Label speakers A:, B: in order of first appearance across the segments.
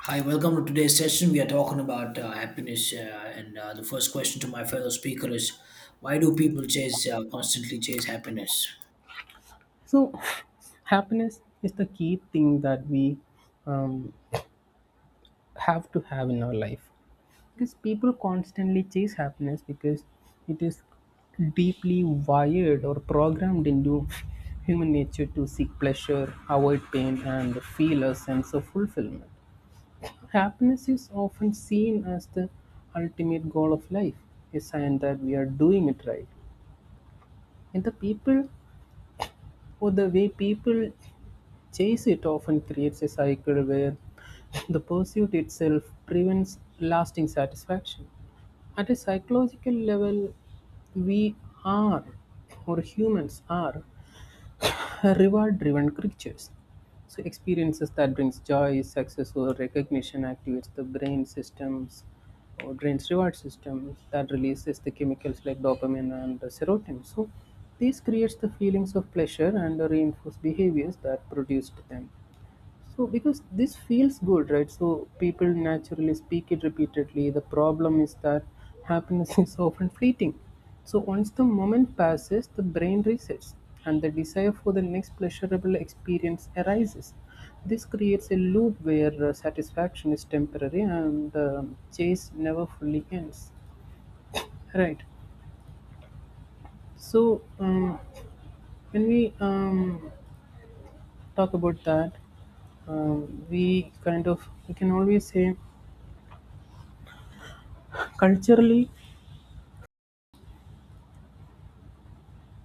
A: Hi, welcome to today's session. We are talking about happiness, and the first question to my fellow speaker is, why do people chase constantly chase happiness?
B: So, happiness is the key thing that we um, have to have in our life because people constantly chase happiness because it is deeply wired or programmed into human nature to seek pleasure, avoid pain, and feel a sense of fulfillment. Happiness is often seen as the ultimate goal of life, a sign that we are doing it right. And the people, or the way people chase it often creates a cycle where the pursuit itself prevents lasting satisfaction. At a psychological level, we are, or humans are, reward driven creatures. So, experiences that brings joy, success, or recognition activates the brain systems or brain's reward system that releases the chemicals like dopamine and serotonin. So, this creates the feelings of pleasure and reinforce behaviors that produced them. So because this feels good, right? So people naturally speak it repeatedly. The problem is that happiness is often fleeting. So once the moment passes, the brain resets and the desire for the next pleasurable experience arises. This creates a loop where satisfaction is temporary and the chase never fully ends. Right. So when we talk about that, we kind of we can always say, culturally,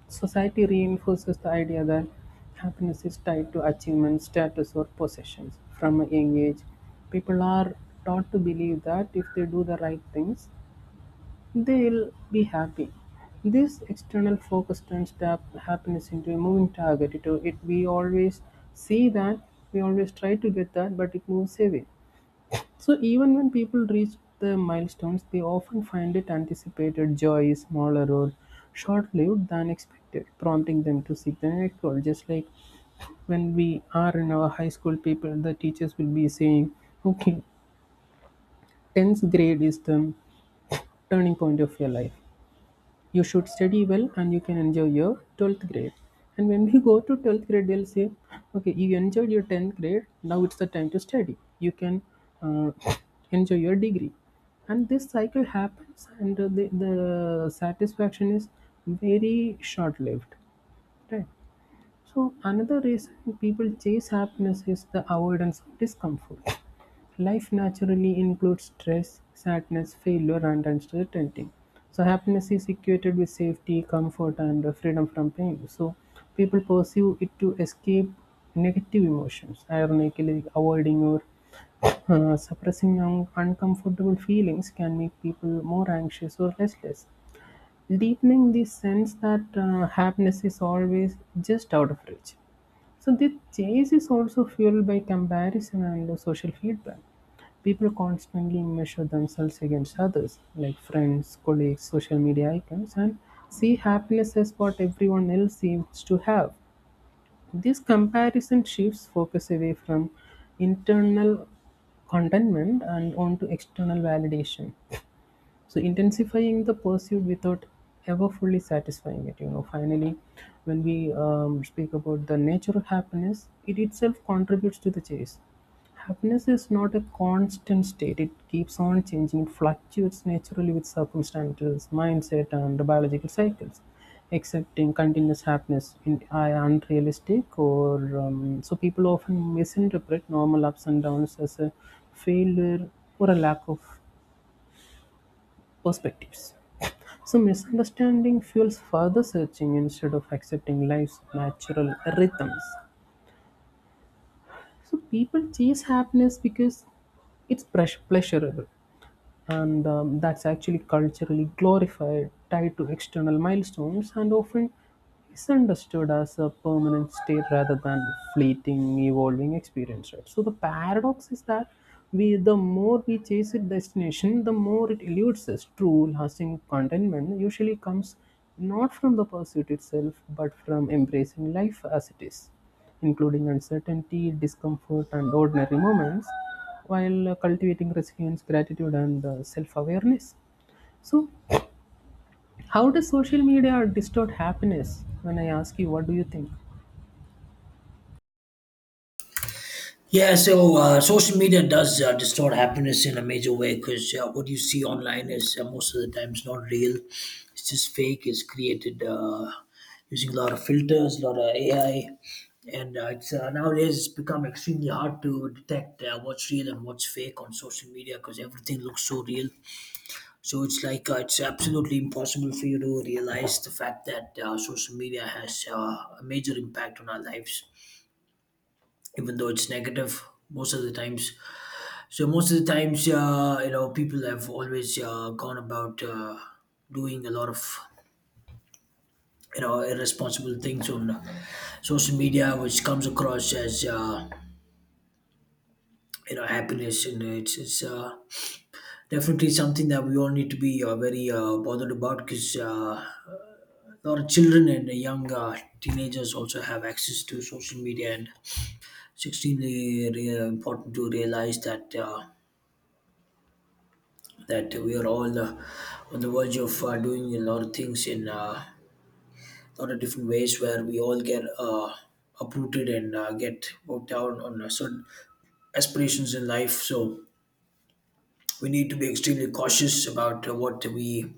B: society reinforces the idea that happiness is tied to achievement, status, or possessions. From a young age, people are taught to believe that if they do the right things, they'll be happy. This external focus turns tap happiness into a moving target. It we always see that, we always try to get that, but it moves away. So even when people reach the milestones, they often find it anticipated joy is smaller or short-lived than expected, prompting them to seek the next goal. Just like when we are in our high school, people, the teachers will be saying, "Okay, tenth grade is the turning point of your life. You should study well and you can enjoy your 12th grade." And when we go to 12th grade they'll say, "Okay, you enjoyed your 10th grade, now it's the time to study, you can uh, enjoy your degree." And this cycle happens, and the satisfaction is very short lived, right? So another reason people chase happiness is the avoidance of discomfort. Life naturally includes stress, sadness, failure, and uncertainty. So, happiness is equated with safety, comfort, and freedom from pain. So, people pursue it to escape negative emotions. Ironically, avoiding or suppressing uncomfortable feelings can make people more anxious or restless, deepening the sense that happiness is always just out of reach. So the chase is also fueled by comparison and the social feedback. People constantly measure themselves against others, like friends, colleagues, social media icons, and see happiness as what everyone else seems to have. This comparison shifts focus away from internal contentment and onto external validation, so intensifying the pursuit without ever fully satisfying it. Finally, when we speak about the nature of happiness, it itself contributes to the chase. Happiness is not a constant state, it keeps on changing, it fluctuates naturally with circumstances, mindset, and the biological cycles. Accepting continuous happiness in are unrealistic, or so people often misinterpret normal ups and downs as a failure or a lack of perspectives. So, misunderstanding fuels further searching instead of accepting life's natural rhythms. So, people chase happiness because it's pleasurable, and that's actually culturally glorified, tied to external milestones, and often misunderstood as a permanent state rather than fleeting, evolving experience. Right? So the paradox is that we, the more we chase its destination, the more it eludes us. True, lasting contentment usually comes not from the pursuit itself, but from embracing life as it is, including uncertainty, discomfort, and ordinary moments, while cultivating resilience, gratitude, and self awareness. So, how does social media distort happiness? When I ask you, what do you think?
A: Yeah, so social media does distort happiness in a major way because what you see online is most of the time it's not real. It's just fake. It's created using a lot of filters, a lot of AI, and it's nowadays it's become extremely hard to detect what's real and what's fake on social media because everything looks so real. So it's like it's absolutely impossible for you to realize the fact that social media has a major impact on our lives, even though it's negative most of the times. So most of the times, you know, people have always gone about doing a lot of you know irresponsible things on social media, which comes across as you know happiness, and it's definitely something that we all need to be very bothered about because. Our children and young teenagers also have access to social media, and it's extremely important to realize that that we are all on the verge of doing a lot of things in a lot of different ways, where we all get uprooted and get worked down on certain aspirations in life. So we need to be extremely cautious about what we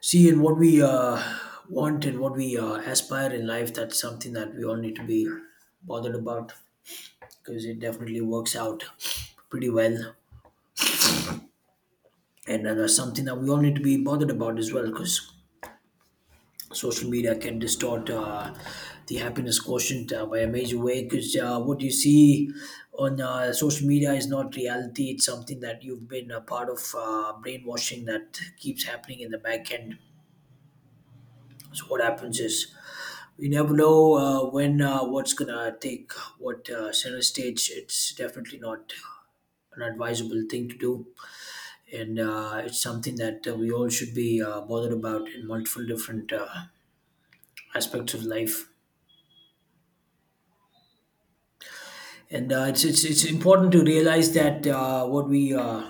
A: see and what we want and what we aspire in life. That's something that we all need to be bothered about, because it definitely works out pretty well. And that's something that we all need to be bothered about as well because social media can distort the happiness quotient by a major way because what you see on social media is not reality. It's something that you've been a part of brainwashing that keeps happening in the back end. So what happens is we never know when what's gonna take what center stage. It's definitely not an advisable thing to do, and it's something that we all should be bothered about in multiple different aspects of life. And it's important to realize that what we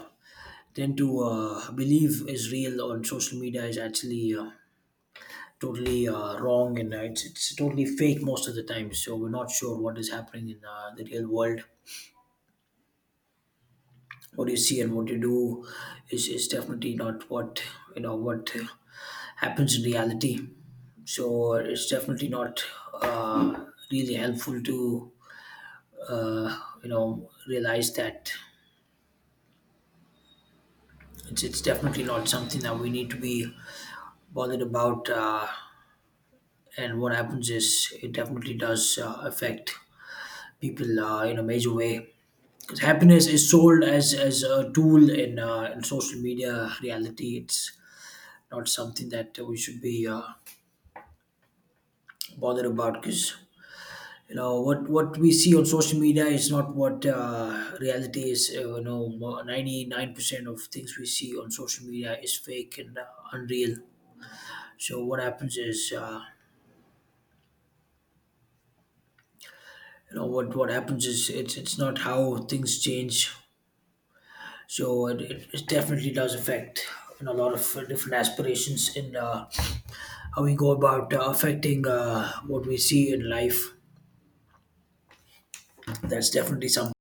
A: tend to believe is real on social media is actually totally wrong, and it's totally fake most of the time. So we're not sure what is happening in the real world. What you see and what you do is definitely not what you know what happens in reality, so it's definitely not uh, really helpful to you know realize that it's definitely not something that we need to be bothered about, and what happens is it definitely does affect people in a major way, because happiness is sold as a tool in social media reality. It's not something that we should be bothered about, because you know what we see on social media is not what reality is. You know, 99% of things we see on social media is fake and unreal. So what happens is, you know what happens is, it's not how things change. So it definitely does affect, you know, a lot of different aspirations in how we go about affecting what we see in life. That's definitely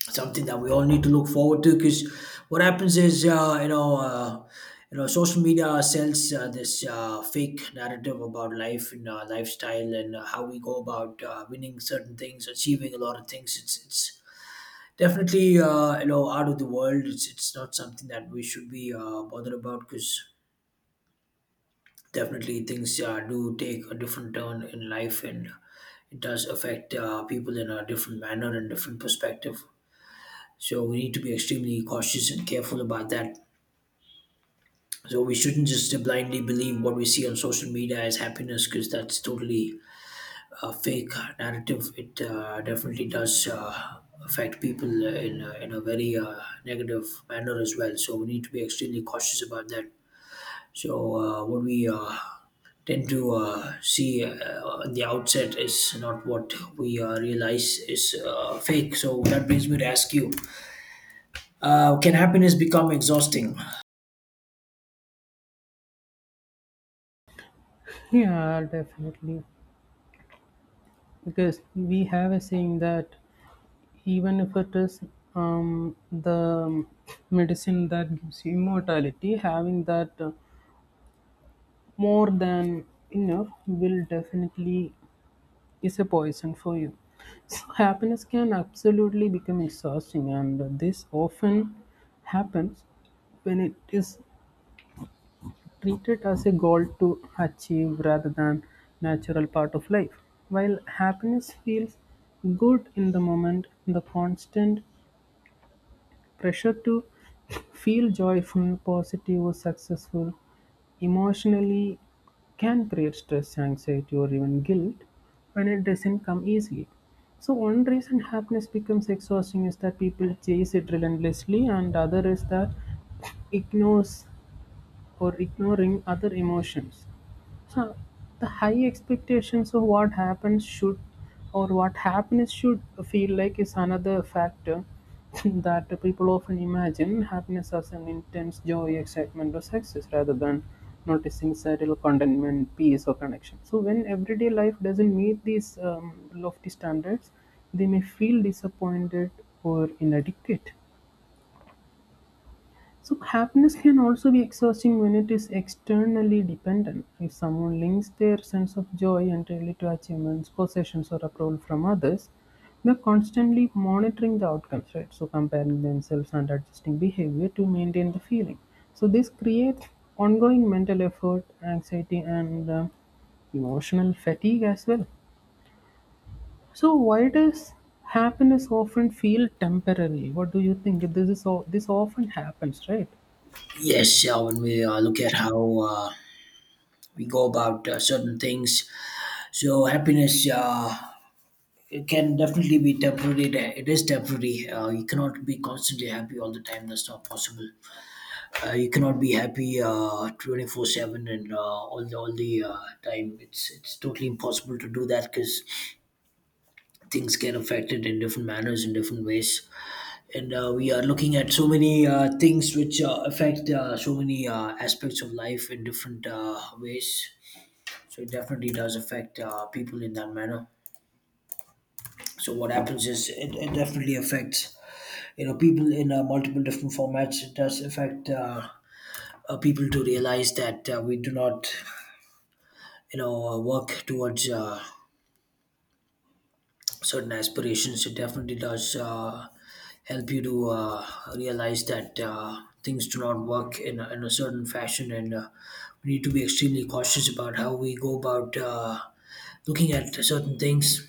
A: something that we all need to look forward to, because what happens is, you know social media sells this fake narrative about life and lifestyle and how we go about winning certain things, achieving a lot of things. It's Definitely you know out of the world. It's not something that we should be bothered about, because definitely things do take a different turn in life, and it does affect people in a different manner and different perspective. So we need to be extremely cautious and careful about that. So we shouldn't just blindly believe what we see on social media as happiness, because that's totally a fake narrative. It definitely does affect people in a very negative manner as well. So we need to be extremely cautious about that. So what we tend to see at the outset is not what we realize is fake. So that brings me to ask you: can happiness become exhausting?
B: Yeah, definitely. Because we have a saying that even if it is the medicine that gives you immortality, having that more than enough will definitely is a poison for you. So happiness can absolutely become exhausting, and this often happens when it is treated as a goal to achieve rather than natural part of life. While happiness feels good in the moment, the constant pressure to feel joyful, positive, or successful emotionally can create stress, anxiety, or even guilt when it doesn't come easily. So, one reason happiness becomes exhausting is that people chase it relentlessly, and other is that ignores or ignoring other emotions. So the high expectations of what happens should or what happiness should feel like is another factor that people often imagine happiness as an intense joy, excitement, or success rather than noticing subtle contentment, peace, or connection. So when everyday life doesn't meet these lofty standards, they may feel disappointed or inadequate. So happiness can also be exhausting when it is externally dependent. If someone links their sense of joy entirely to achievements, possessions, or approval from others, they're constantly monitoring the outcomes, right? So comparing themselves and adjusting behavior to maintain the feeling. So this creates ongoing mental effort, anxiety, and emotional fatigue as well. So why does happiness often feel temporary? What do you think? This is this often happens, right?
A: Yes, when we look at how we go about certain things, so happiness it can definitely be temporary. It is temporary. You cannot be constantly happy all the time. That's not possible. You cannot be happy 24/7 and all the time. It's totally impossible to do that, because things get affected in different manners in different ways. And we are looking at so many things which affect so many aspects of life in different ways. So it definitely does affect people in that manner. So what happens is it definitely affects, you know, people in multiple different formats. It does affect people to realize that we do not you know work towards certain aspirations. It definitely does help you to realize that things do not work in a certain fashion, and we need to be extremely cautious about how we go about looking at certain things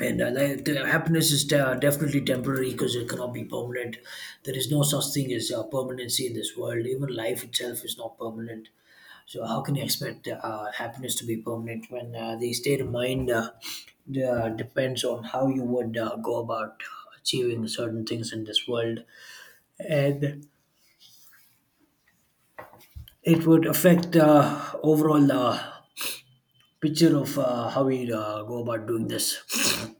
A: and like, the happiness is definitely temporary, because it cannot be permanent. There is no such thing as permanency in this world. Even life itself is not permanent, so how can you expect happiness to be permanent, when the state of mind depends on how you would go about achieving certain things in this world, and it would affect overall picture of how we go about doing this.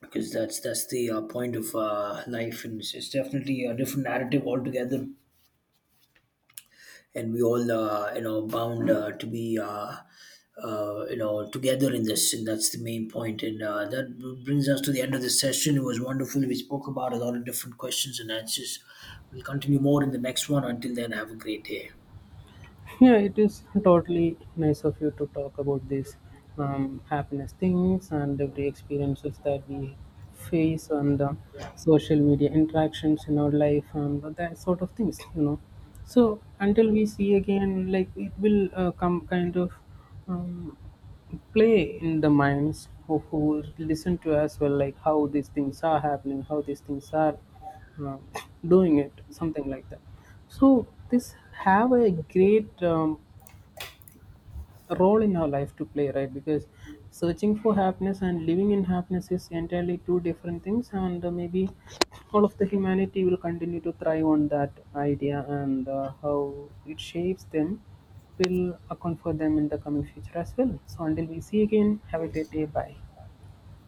A: Because that's the point of life, and it's definitely a different narrative altogether, and we all you know bound to be you know together in this, and that's the main point. And that brings us to the end of this session. It was wonderful. We spoke about a lot of different questions and answers. We'll continue more in the next one. Until then, have a great day.
B: Yeah, it is totally nice of you to talk about these happiness things and every experiences that we face and the social media interactions in our life and that sort of things, you know. So until we see again, like it will come kind of um, play in the minds of who listen to us well, like how these things are happening, how these things are uh, doing it, something like that. So this have a great role in our life to play, right? Because searching for happiness and living in happiness is entirely two different things, and maybe all of the humanity will continue to thrive on that idea and how it shapes them will account for them in the coming future as well. So until we see again, have a great day, bye.